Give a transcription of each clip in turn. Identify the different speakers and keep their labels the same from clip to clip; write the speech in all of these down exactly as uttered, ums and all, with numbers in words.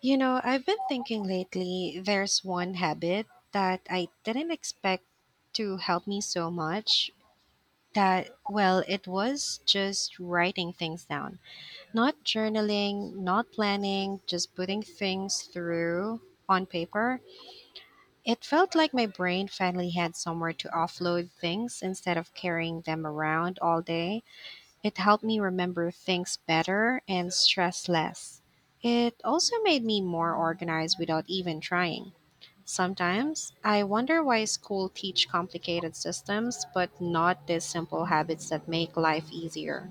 Speaker 1: You know, I've been thinking lately there's one habit that I didn't expect to help me so much that, well, it was just writing things down. Not journaling, not planning, just putting things through on paper. It felt like my brain finally had somewhere to offload things instead of carrying them around all day. It helped me remember things better and stress less. It also made me more organized without even trying. Sometimes I wonder why school teach complicated systems but not the simple habits that make life easier.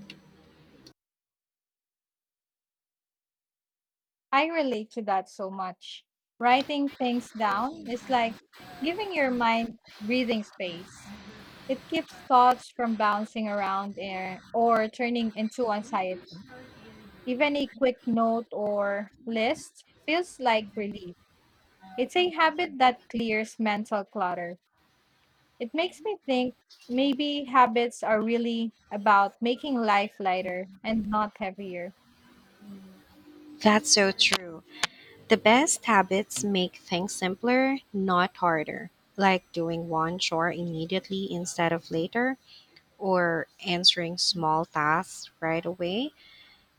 Speaker 2: I relate to that so much. Writing things down is like giving your mind breathing space. It keeps thoughts from bouncing around air or turning into anxiety. Even a quick note or list feels like relief. It's a habit that clears mental clutter. It makes me think maybe habits are really about making life lighter and not heavier.
Speaker 1: That's so true. The best habits make things simpler, not harder. Like doing one chore immediately instead of later or answering small tasks right away.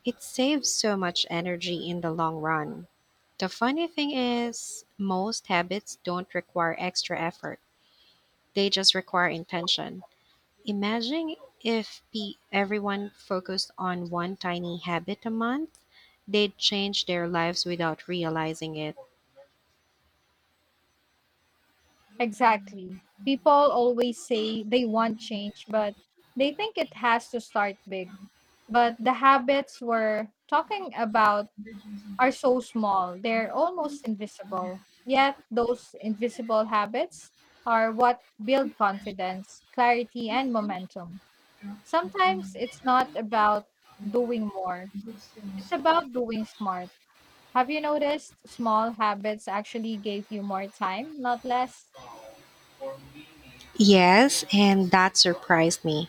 Speaker 1: It saves so much energy in the long run. The funny thing is, most habits don't require extra effort, they just require intention. Imagine if pe- everyone focused on one tiny habit a month, they'd change their lives without realizing it.
Speaker 2: Exactly. People always say they want change, but they think it has to start big. But the habits we're talking about are so small, they're almost invisible. Yet, those invisible habits are what build confidence, clarity, and momentum. Sometimes it's not about doing more, it's about doing smart. Have you noticed small habits actually gave you more time, not less?
Speaker 1: Yes, and that surprised me.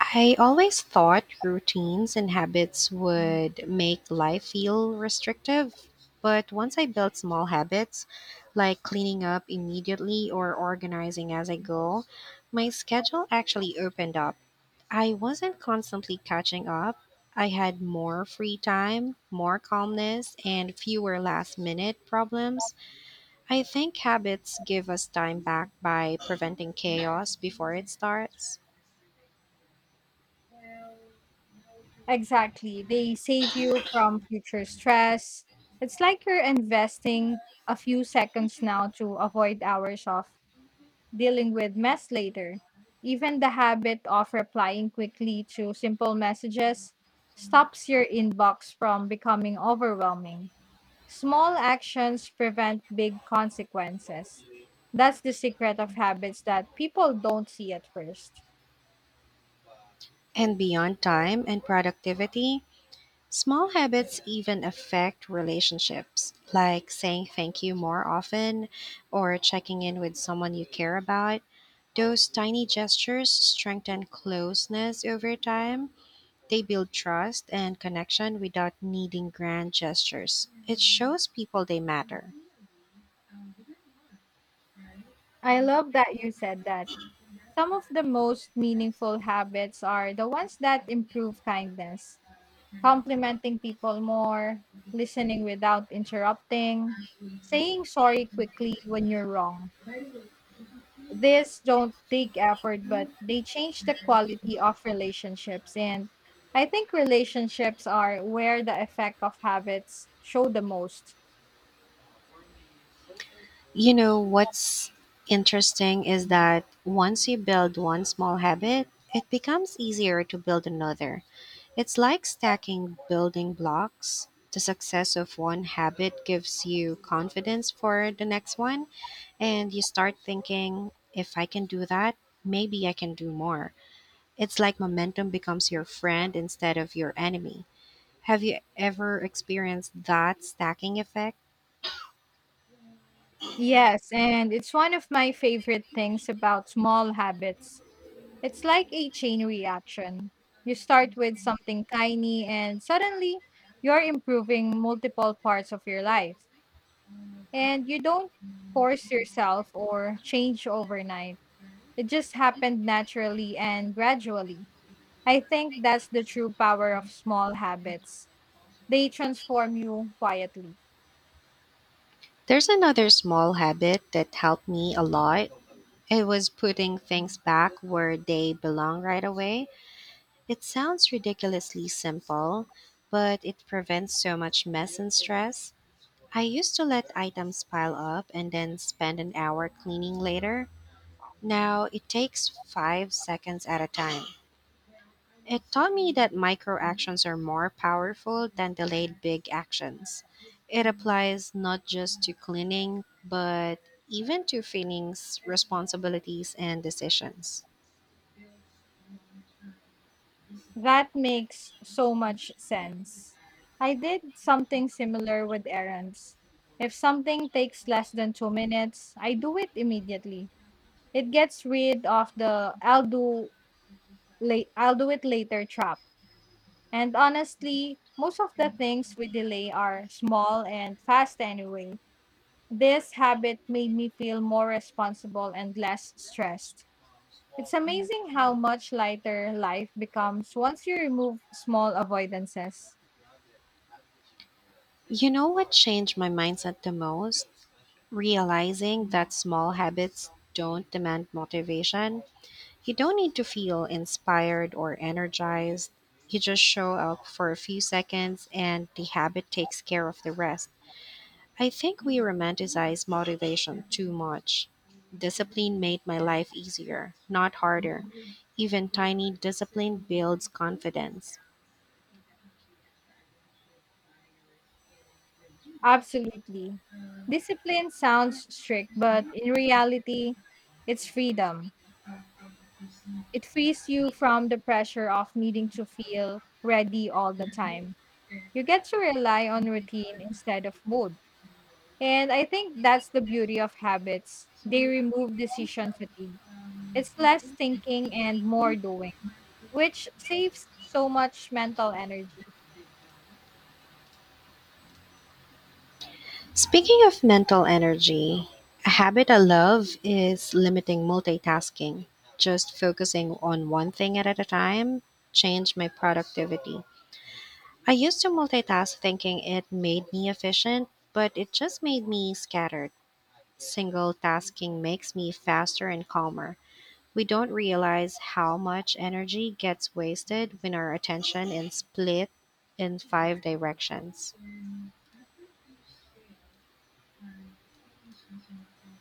Speaker 1: I always thought routines and habits would make life feel restrictive, but once I built small habits, like cleaning up immediately or organizing as I go, my schedule actually opened up. I wasn't constantly catching up. I had more free time, more calmness, and fewer last minute problems. I think habits give us time back by preventing chaos before it starts.
Speaker 2: Exactly. They save you from future stress. It's like you're investing a few seconds now to avoid hours of dealing with mess later. Even the habit of replying quickly to simple messages stops your inbox from becoming overwhelming. Small actions prevent big consequences. That's the secret of habits that people don't see at first.
Speaker 1: And beyond time and productivity, small habits even affect relationships, like saying thank you more often or checking in with someone you care about. Those tiny gestures strengthen closeness over time. They build trust and connection without needing grand gestures. It shows people they matter.
Speaker 2: I love that you said that. Some of the most meaningful habits are the ones that improve kindness, complimenting people more, listening without interrupting, saying sorry quickly when you're wrong. These don't take effort, but they change the quality of relationships. And I think relationships are where the effect of habits show the most.
Speaker 1: You know, what's interesting is that once you build one small habit, it becomes easier to build another. It's like stacking building blocks. The success of one habit gives you confidence for the next one, and you start thinking, if I can do that, maybe I can do more. It's like momentum becomes your friend instead of your enemy. Have you ever experienced that stacking effect?
Speaker 2: Yes, and it's one of my favorite things about small habits. It's like a chain reaction. You start with something tiny, and suddenly you're improving multiple parts of your life. And you don't force yourself or change overnight, it just happened naturally and gradually. I think that's the true power of small habits. They transform you quietly.
Speaker 1: There's another small habit that helped me a lot. It was putting things back where they belong right away. It sounds ridiculously simple, but it prevents so much mess and stress. I used to let items pile up and then spend an hour cleaning later. Now it takes five seconds at a time. It taught me that micro actions are more powerful than delayed big actions. It applies not just to cleaning, but even to feelings, responsibilities, and decisions.
Speaker 2: That makes so much sense. I did something similar with errands. If something takes less than two minutes, I do it immediately. It gets rid of the I'll do late I'll do it later trap. And honestly, most of the things we delay are small and fast anyway. This habit made me feel more responsible and less stressed. It's amazing how much lighter life becomes once you remove small avoidances.
Speaker 1: You know what changed my mindset the most? Realizing that small habits don't demand motivation, you don't need to feel inspired or energized. You just show up for a few seconds and the habit takes care of the rest. I think we romanticize motivation too much. Discipline made my life easier, not harder. Even tiny discipline builds confidence.
Speaker 2: Absolutely. Discipline sounds strict, but in reality, it's freedom. It frees you from the pressure of needing to feel ready all the time. You get to rely on routine instead of mood. And I think that's the beauty of habits. They remove decision fatigue. It's less thinking and more doing, which saves so much mental energy.
Speaker 1: Speaking of mental energy, a habit I love is limiting multitasking. Just focusing on one thing at a time changed my productivity. I used to multitask thinking it made me efficient, but it just made me scattered. Single tasking makes me faster and calmer. We don't realize how much energy gets wasted when our attention is split in five directions.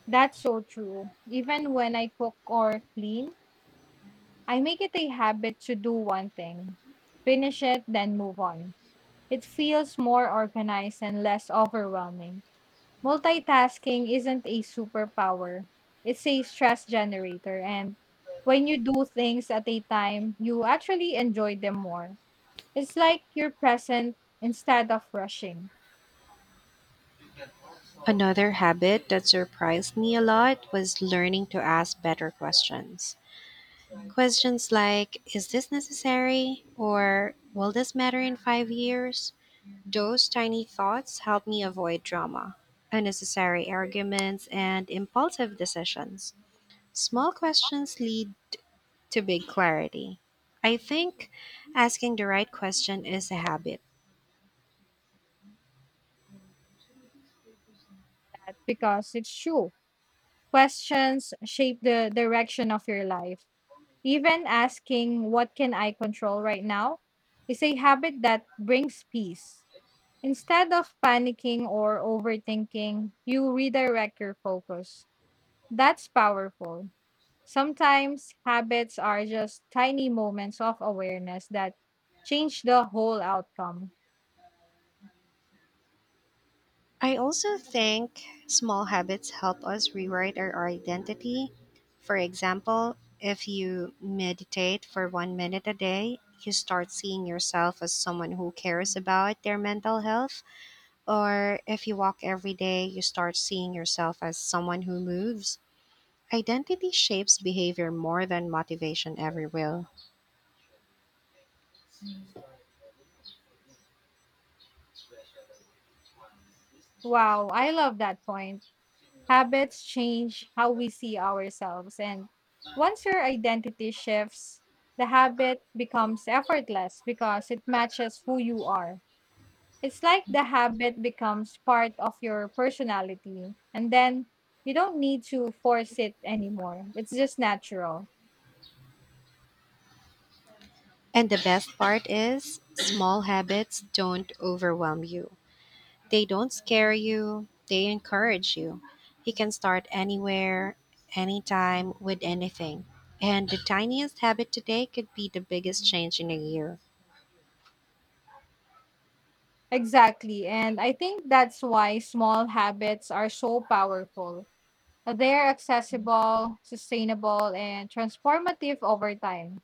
Speaker 2: That's so true. Even when I cook or clean, I make it a habit to do one thing, finish it, then move on. It feels more organized and less overwhelming. Multitasking isn't a superpower, it's a stress generator. And when you do things at a time, you actually enjoy them more. It's like you're present instead of rushing
Speaker 1: Another habit that surprised me a lot was learning to ask better questions. Questions like, is this necessary? Or will this matter in five years? Those tiny thoughts help me avoid drama, unnecessary arguments, and impulsive decisions. Small questions lead to big clarity. I think asking the right question is a habit.
Speaker 2: because it's true. Questions shape the direction of your life. Even asking, what can I control right now? Is a habit that brings peace. Instead of panicking or overthinking, you redirect your focus. That's powerful. Sometimes habits are just tiny moments of awareness that change the whole outcome.
Speaker 1: I also think small habits help us rewrite our identity. For example, if you meditate for one minute a day, you start seeing yourself as someone who cares about their mental health. Or if you walk every day, you start seeing yourself as someone who moves. Identity shapes behavior more than motivation ever will.
Speaker 2: Wow, I love that point. Habits change how we see ourselves, and once your identity shifts, the habit becomes effortless because it matches who you are. It's like the habit becomes part of your personality, and then you don't need to force it anymore. It's just natural.
Speaker 1: And the best part is, small habits don't overwhelm you. They don't scare you, they encourage you. You can start anywhere, anytime, with anything. And the tiniest habit today could be the biggest change in a year.
Speaker 2: Exactly. And I think that's why small habits are so powerful. They're accessible, sustainable, and transformative over time.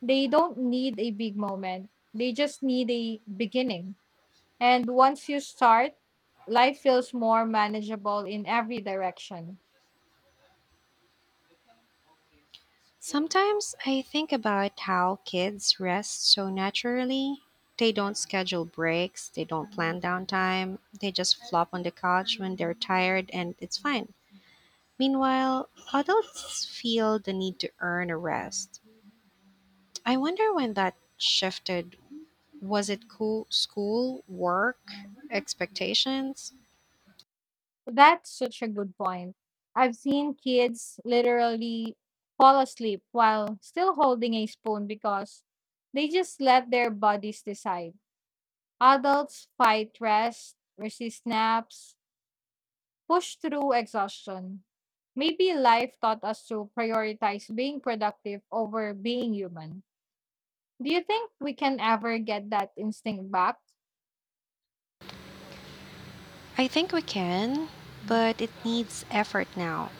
Speaker 2: They don't need a big moment. They just need a beginning. And once you start, life feels more manageable in every direction.
Speaker 1: Sometimes I think about how kids rest so naturally. They don't schedule breaks, they don't plan downtime, they just flop on the couch when they're tired, and it's fine. Meanwhile, adults feel the need to earn a rest. I wonder when that shifted. Was it cool, school, work, expectations?
Speaker 2: That's such a good point. I've seen kids literally fall asleep while still holding a spoon because they just let their bodies decide. Adults fight rest, resist naps, push through exhaustion. Maybe life taught us to prioritize being productive over being human. Do you think we can ever get that instinct back?
Speaker 1: I think we can, but it needs effort now.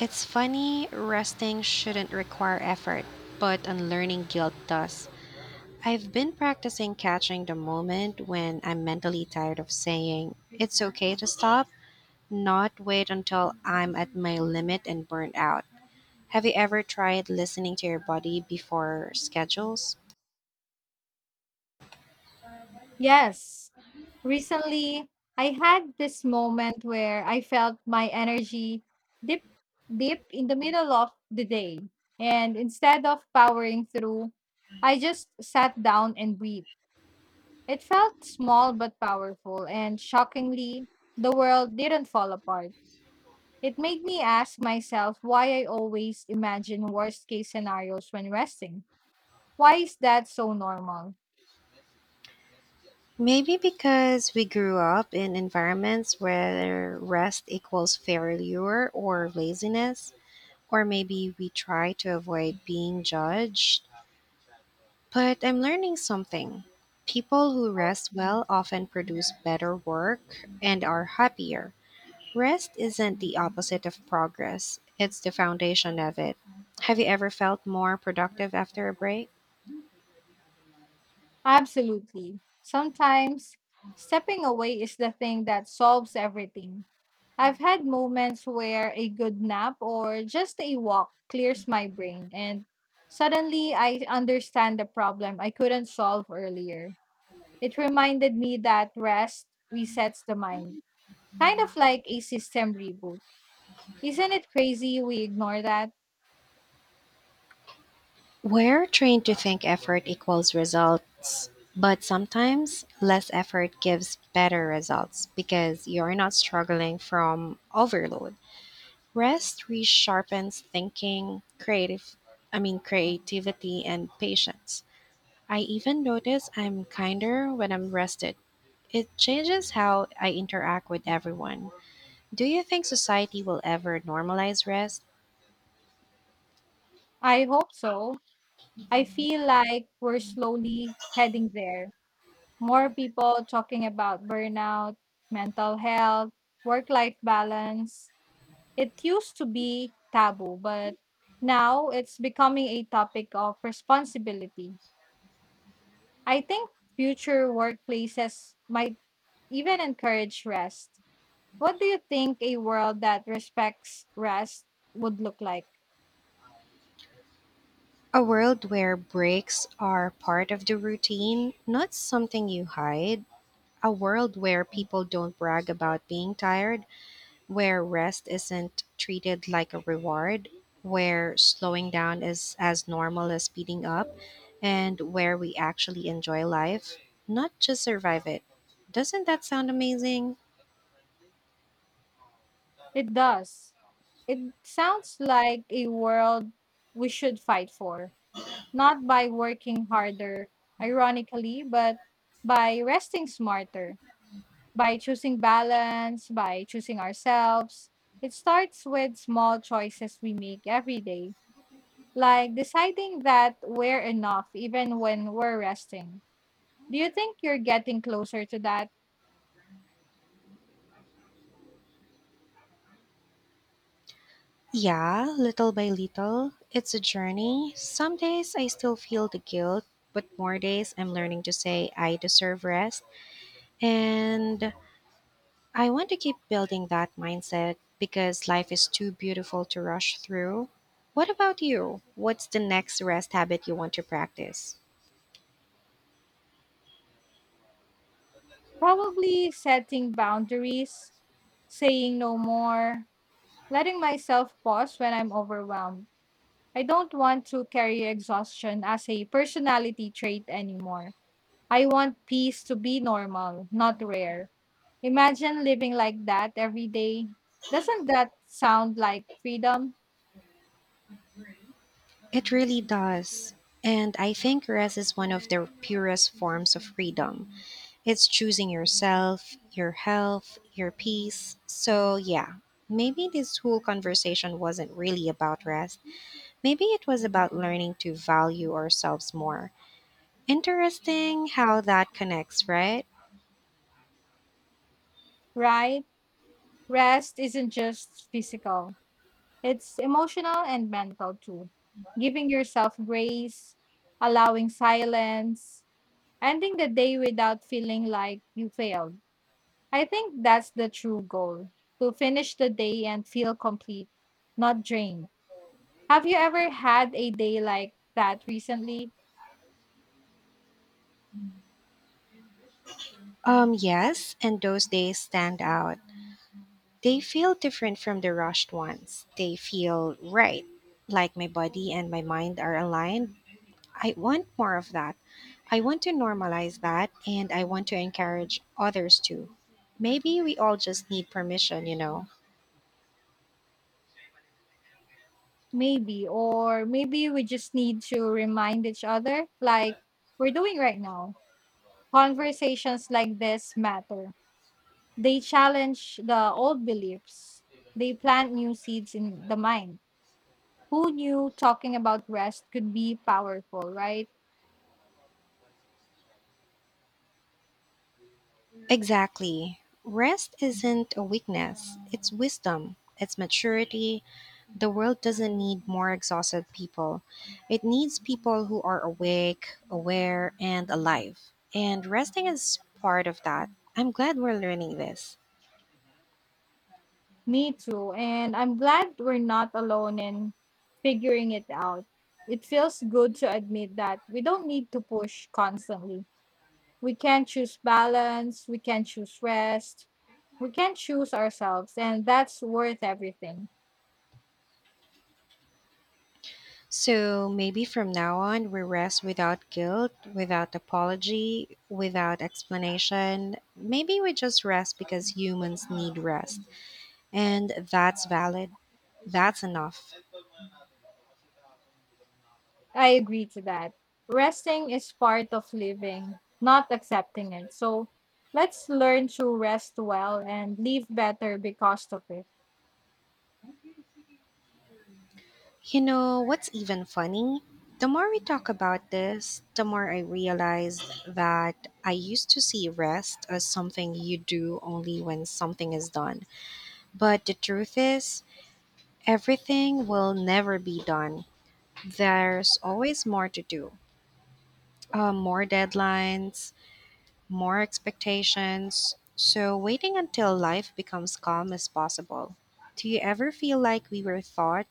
Speaker 1: It's funny, resting shouldn't require effort, but unlearning guilt does. I've been practicing catching the moment when I'm mentally tired of saying, it's okay to stop, not wait until I'm at my limit and burnt out. Have you ever tried listening to your body before schedules?
Speaker 2: Yes. Recently, I had this moment where I felt my energy dip dip in the middle of the day. And instead of powering through, I just sat down and breathed. It felt small but powerful, and shockingly, the world didn't fall apart. It made me ask myself why I always imagine worst case scenarios when resting. Why is that so normal?
Speaker 1: Maybe because we grew up in environments where rest equals failure or laziness, or maybe we try to avoid being judged. But I'm learning something. People who rest well often produce better work and are happier. Rest isn't the opposite of progress, it's the foundation of it. Have you ever felt more productive after a break?
Speaker 2: Absolutely. Sometimes stepping away is the thing that solves everything. I've had moments where a good nap or just a walk clears my brain, and suddenly I understand the problem I couldn't solve earlier. It reminded me that rest resets the mind, kind of like a system reboot. Isn't it crazy we ignore that?
Speaker 1: We're trained to think effort equals results, but sometimes less effort gives better results because you're not struggling from overload. Rest resharpens thinking, creative I mean, creativity and patience. I even notice I'm kinder when I'm rested. It changes how I interact with everyone. Do you think society will ever normalize rest?
Speaker 2: I hope so. I feel like we're slowly heading there. More people talking about burnout, mental health, work life balance. It used to be taboo, but now it's becoming a topic of responsibility. I think future workplaces might even encourage rest. What do you think a world that respects rest would look like?
Speaker 1: A world where breaks are part of the routine, not something you hide. A world where people don't brag about being tired, where rest isn't treated like a reward, where slowing down is as normal as speeding up, and where we actually enjoy life, not just survive it. Doesn't that sound amazing?
Speaker 2: It does. It sounds like a world we should fight for, not by working harder, ironically, but by resting smarter, by choosing balance, by choosing ourselves. It starts with small choices we make every day, like deciding that we're enough even when we're resting. Do you think you're getting closer to that?
Speaker 1: Yeah, little by little. It's a journey. Some days I still feel the guilt, but more days I'm learning to say I deserve rest. And I want to keep building that mindset because life is too beautiful to rush through. What about you? What's the next rest habit you want to practice?
Speaker 2: Probably setting boundaries, saying no more, letting myself pause when I'm overwhelmed. I don't want to carry exhaustion as a personality trait anymore. I want peace to be normal, not rare. Imagine living like that every day. Doesn't that sound like freedom?
Speaker 1: It really does. And I think rest is one of the purest forms of freedom. It's choosing yourself, your health, your peace. So, yeah, maybe this whole conversation wasn't really about rest. Maybe it was about learning to value ourselves more. Interesting how that connects, right?
Speaker 2: Right? Rest isn't just physical, it's emotional and mental too. Giving yourself grace, allowing silence, ending the day without feeling like you failed. I think that's the true goal to finish the day and feel complete, not drained. Have you ever had a day like that recently?
Speaker 1: Um, yes, and those days stand out. They feel different from the rushed ones. They feel right, like my body and my mind are aligned. I want more of that. I want to normalize that and I want to encourage others to. Maybe we all just need permission, you know.
Speaker 2: Maybe, or maybe we just need to remind each other, like we're doing right now. Conversations like this matter. They challenge the old beliefs, they plant new seeds in the mind. Who knew talking about rest could be powerful, right?
Speaker 1: Exactly. Rest isn't a weakness, it's wisdom, it's maturity. The world doesn't need more exhausted people, it needs people who are awake, aware, and alive. And resting is part of that. I'm glad we're learning this.
Speaker 2: Me too. And I'm glad we're not alone in figuring it out. It feels good to admit that we don't need to push constantly. We can choose balance, we can choose rest, we can choose ourselves, and that's worth everything.
Speaker 1: So maybe from now on, we rest without guilt, without apology, without explanation. Maybe we just rest because humans need rest. And that's valid. That's enough.
Speaker 2: I agree to that. Resting is part of living, not accepting it. So let's learn to rest well and live better because of it.
Speaker 1: You know, what's even funny? The more we talk about this, the more I realize that I used to see rest as something you do only when something is done. But the truth is, everything will never be done. There's always more to do, uh, more deadlines, more expectations. So, waiting until life becomes calm as possible. Do you ever feel like we were taught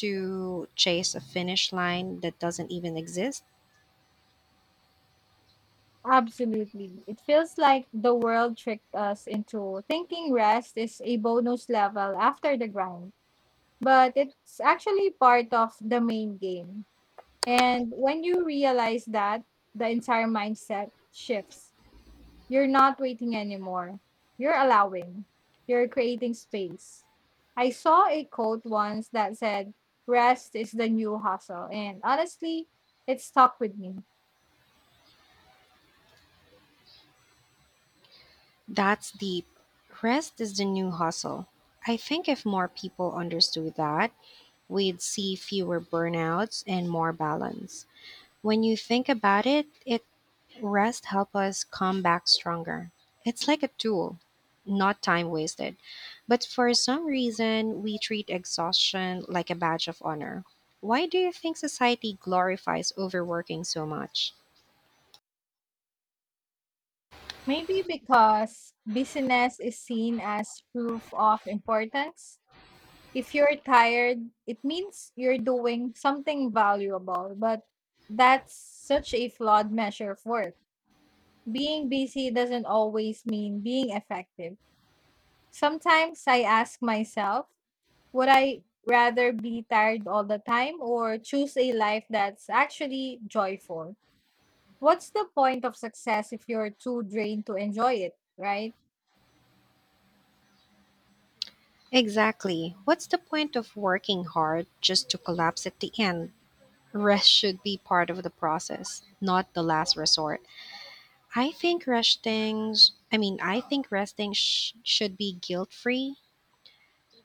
Speaker 1: to chase a finish line that doesn't even exist?
Speaker 2: Absolutely. It feels like the world tricked us into thinking rest is a bonus level after the grind, but it's actually part of the main game. And when you realize that, the entire mindset shifts. You're not waiting anymore, you're allowing, you're creating space. I saw a quote once that said, rest is the new hustle. And honestly, it stuck with me.
Speaker 1: That's deep. Rest is the new hustle. I think if more people understood that, we'd see fewer burnouts and more balance. When you think about it, it. Rest helps us come back stronger. It's like a tool, not time wasted. But for some reason, we treat exhaustion like a badge of honor. Why do you think society glorifies overworking so much?
Speaker 2: Maybe because business is seen as proof of importance. If you're tired, it means you're doing something valuable, but that's such a flawed measure of work. Being busy doesn't always mean being effective. Sometimes I ask myself, would I rather be tired all the time or choose a life that's actually joyful? What's the point of success if you're too drained to enjoy it, right?
Speaker 1: Exactly. What's the point of working hard just to collapse at the end? Rest should be part of the process, not the last resort. I think resting, I mean, I think resting sh- should be guilt free.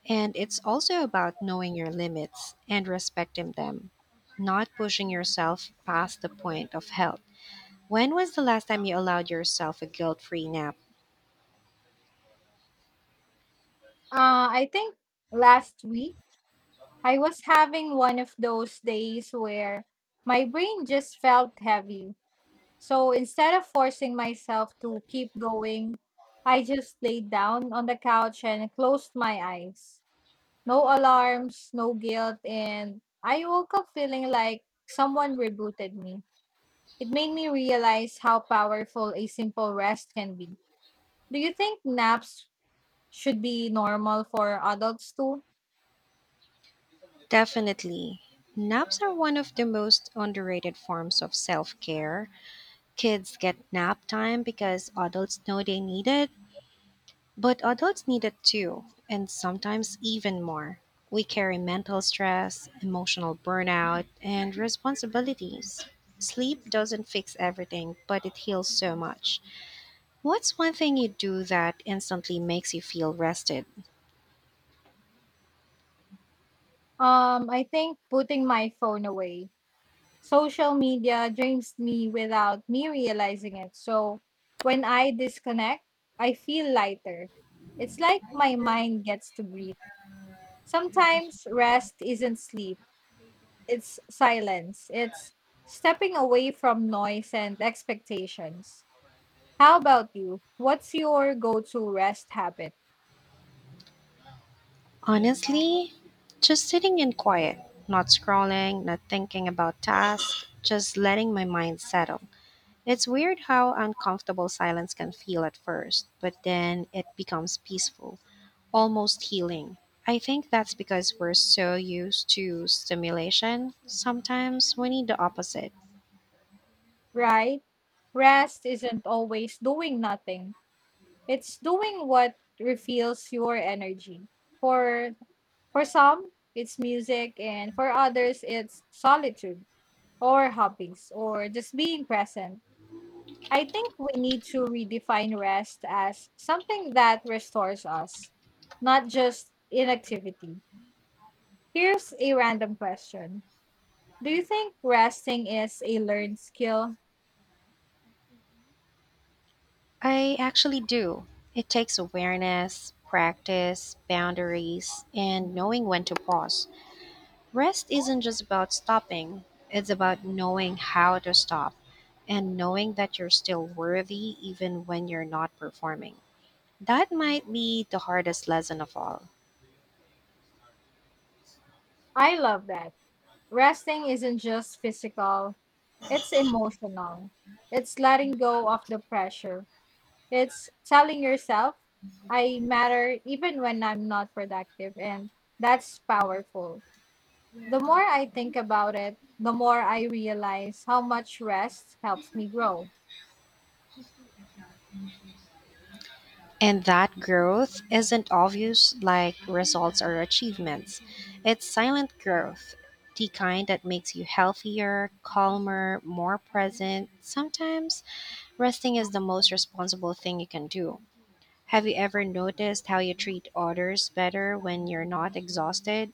Speaker 1: And it's also about knowing your limits and respecting them, not pushing yourself past the point of health. When was the last time you allowed yourself a guilt free nap?
Speaker 2: Uh, I think last week I was having one of those days where my brain just felt heavy. So instead of forcing myself to keep going, I just laid down on the couch and closed my eyes. No alarms, no guilt, and I woke up feeling like someone rebooted me. It made me realize how powerful a simple rest can be. Do you think naps should be normal for adults too?
Speaker 1: Definitely. Naps are one of the most underrated forms of self care. Kids get nap time because adults know they need it, but adults need it too, and sometimes even more. We carry mental stress, emotional burnout, and responsibilities. Sleep doesn't fix everything, but it heals so much. What's one thing you do that instantly makes you feel rested?
Speaker 2: Um, I think putting my phone away. Social media drains me without me realizing it. So when I disconnect, I feel lighter. It's like my mind gets to breathe. Sometimes rest isn't sleep, it's silence. It's stepping away from noise and expectations. How about you? What's your go to rest habit?
Speaker 1: Honestly, just sitting in quiet, not scrolling, not thinking about tasks, just letting my mind settle. It's weird how uncomfortable silence can feel at first, but then it becomes peaceful. Almost healing. I think that's because we're so used to stimulation. Sometimes we need the opposite.
Speaker 2: Right? Rest isn't always doing nothing. It's doing what refills your energy. For for some, it's music and for others it's solitude or hobbies or just being present. I think we need to redefine rest as something that restores us, not just inactivity. Here's a random question. Do you think resting is a learned skill?
Speaker 1: I actually do. It takes awareness, practice, boundaries, and knowing when to pause. Rest isn't just about stopping, it's about knowing how to stop and knowing that you're still worthy even when you're not performing. That might be the hardest lesson of all.
Speaker 2: I love that. Resting isn't just physical, it's emotional. It's letting go of the pressure. It's telling yourself, I matter even when I'm not productive. And that's powerful. The more I think about it, the more I realize how much rest helps me grow.
Speaker 1: And that growth isn't obvious like results or achievements. It's silent growth, the kind that makes you healthier, calmer, more present. Sometimes resting is the most responsible thing you can do. Have you ever noticed how you treat others better when you're not exhausted?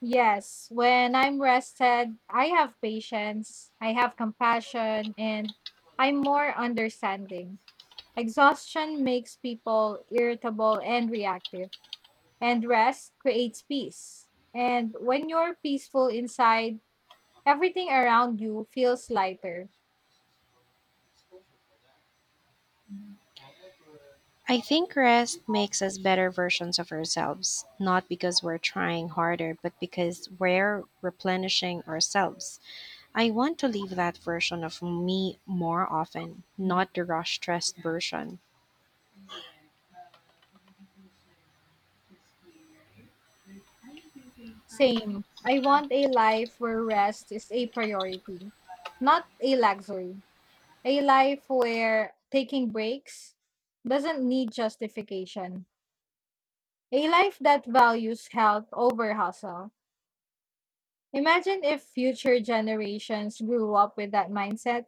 Speaker 2: Yes, when I'm rested, I have patience, I have compassion, and I'm more understanding. Exhaustion makes people irritable and reactive. And rest creates peace. And when you're peaceful inside, everything around you feels lighter.
Speaker 1: I think rest makes us better versions of ourselves, not because we're trying harder, but because we're replenishing ourselves. I want to leave that version of me more often, not the rush stressed version.
Speaker 2: Same. I want a life where rest is a priority, not a luxury. A life where taking breaks doesn't need justification. A life that values health over hustle. Imagine if future generations grew up with that mindset.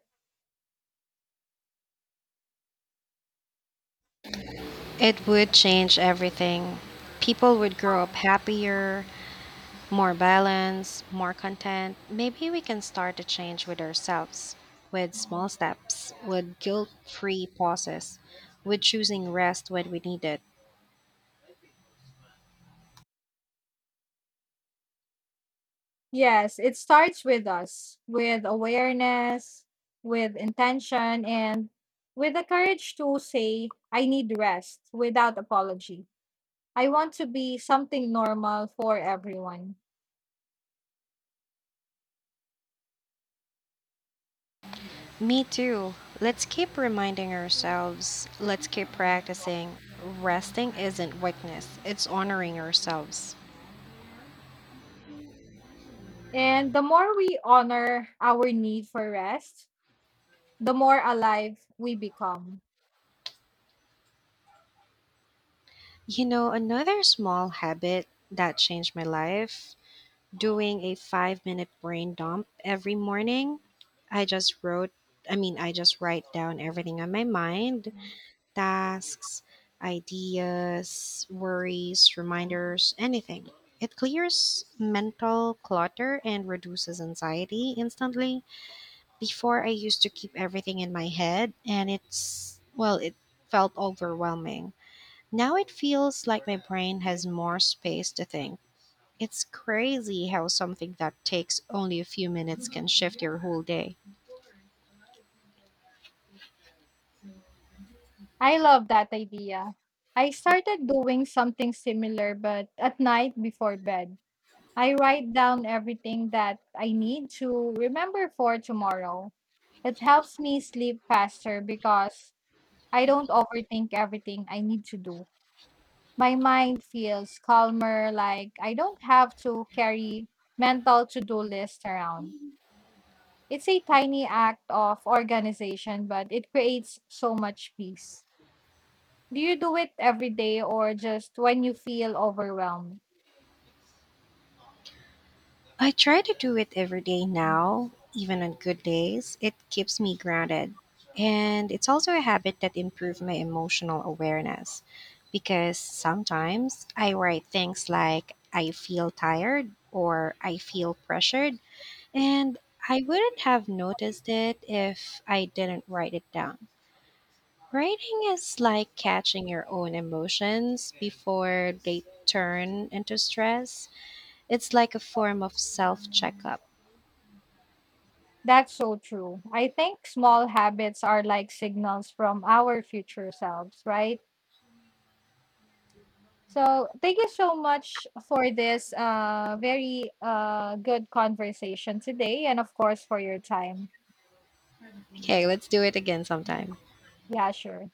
Speaker 1: It would change everything. People would grow up happier, more balanced, more content. Maybe we can start the change with ourselves, with small steps, with guilt free pauses, with choosing rest when we need it.
Speaker 2: Yes, it starts with us, with awareness, with intention, and with the courage to say, I need rest without apology. I want to be something normal for everyone.
Speaker 1: Me too. Let's keep reminding ourselves, let's keep practicing. Resting isn't weakness, it's honoring ourselves.
Speaker 2: And the more we honor our need for rest, the more alive we become.
Speaker 1: You know, another small habit that changed my life, doing a five minute brain dump every morning. I just wrote, I mean, I just write down everything on my mind, tasks, ideas, worries, reminders, anything. It clears mental clutter and reduces anxiety instantly. Before, I used to keep everything in my head, and it's, well, it felt overwhelming. Now it feels like my brain has more space to think. It's crazy how something that takes only a few minutes can shift your whole day.
Speaker 2: I love that idea. I started doing something similar, but at night before bed. I write down everything that I need to remember for tomorrow. It helps me sleep faster because I don't overthink everything I need to do. My mind feels calmer, like I don't have to carry mental to do list around. It's a tiny act of organization, but it creates so much peace. Do you do it every day or just when you feel overwhelmed?
Speaker 1: I try to do it every day now, even on good days. It keeps me grounded. And it's also a habit that improves my emotional awareness because sometimes I write things like, I feel tired or I feel pressured, and I wouldn't have noticed it if I didn't write it down. Writing is like catching your own emotions before they turn into stress. It's like a form of self checkup.
Speaker 2: That's so true. I think small habits are like signals from our future selves, right? So, thank you so much for this uh, very uh, good conversation today and, of course, for your time.
Speaker 1: Okay, let's do it again sometime.
Speaker 2: Yeah, sure.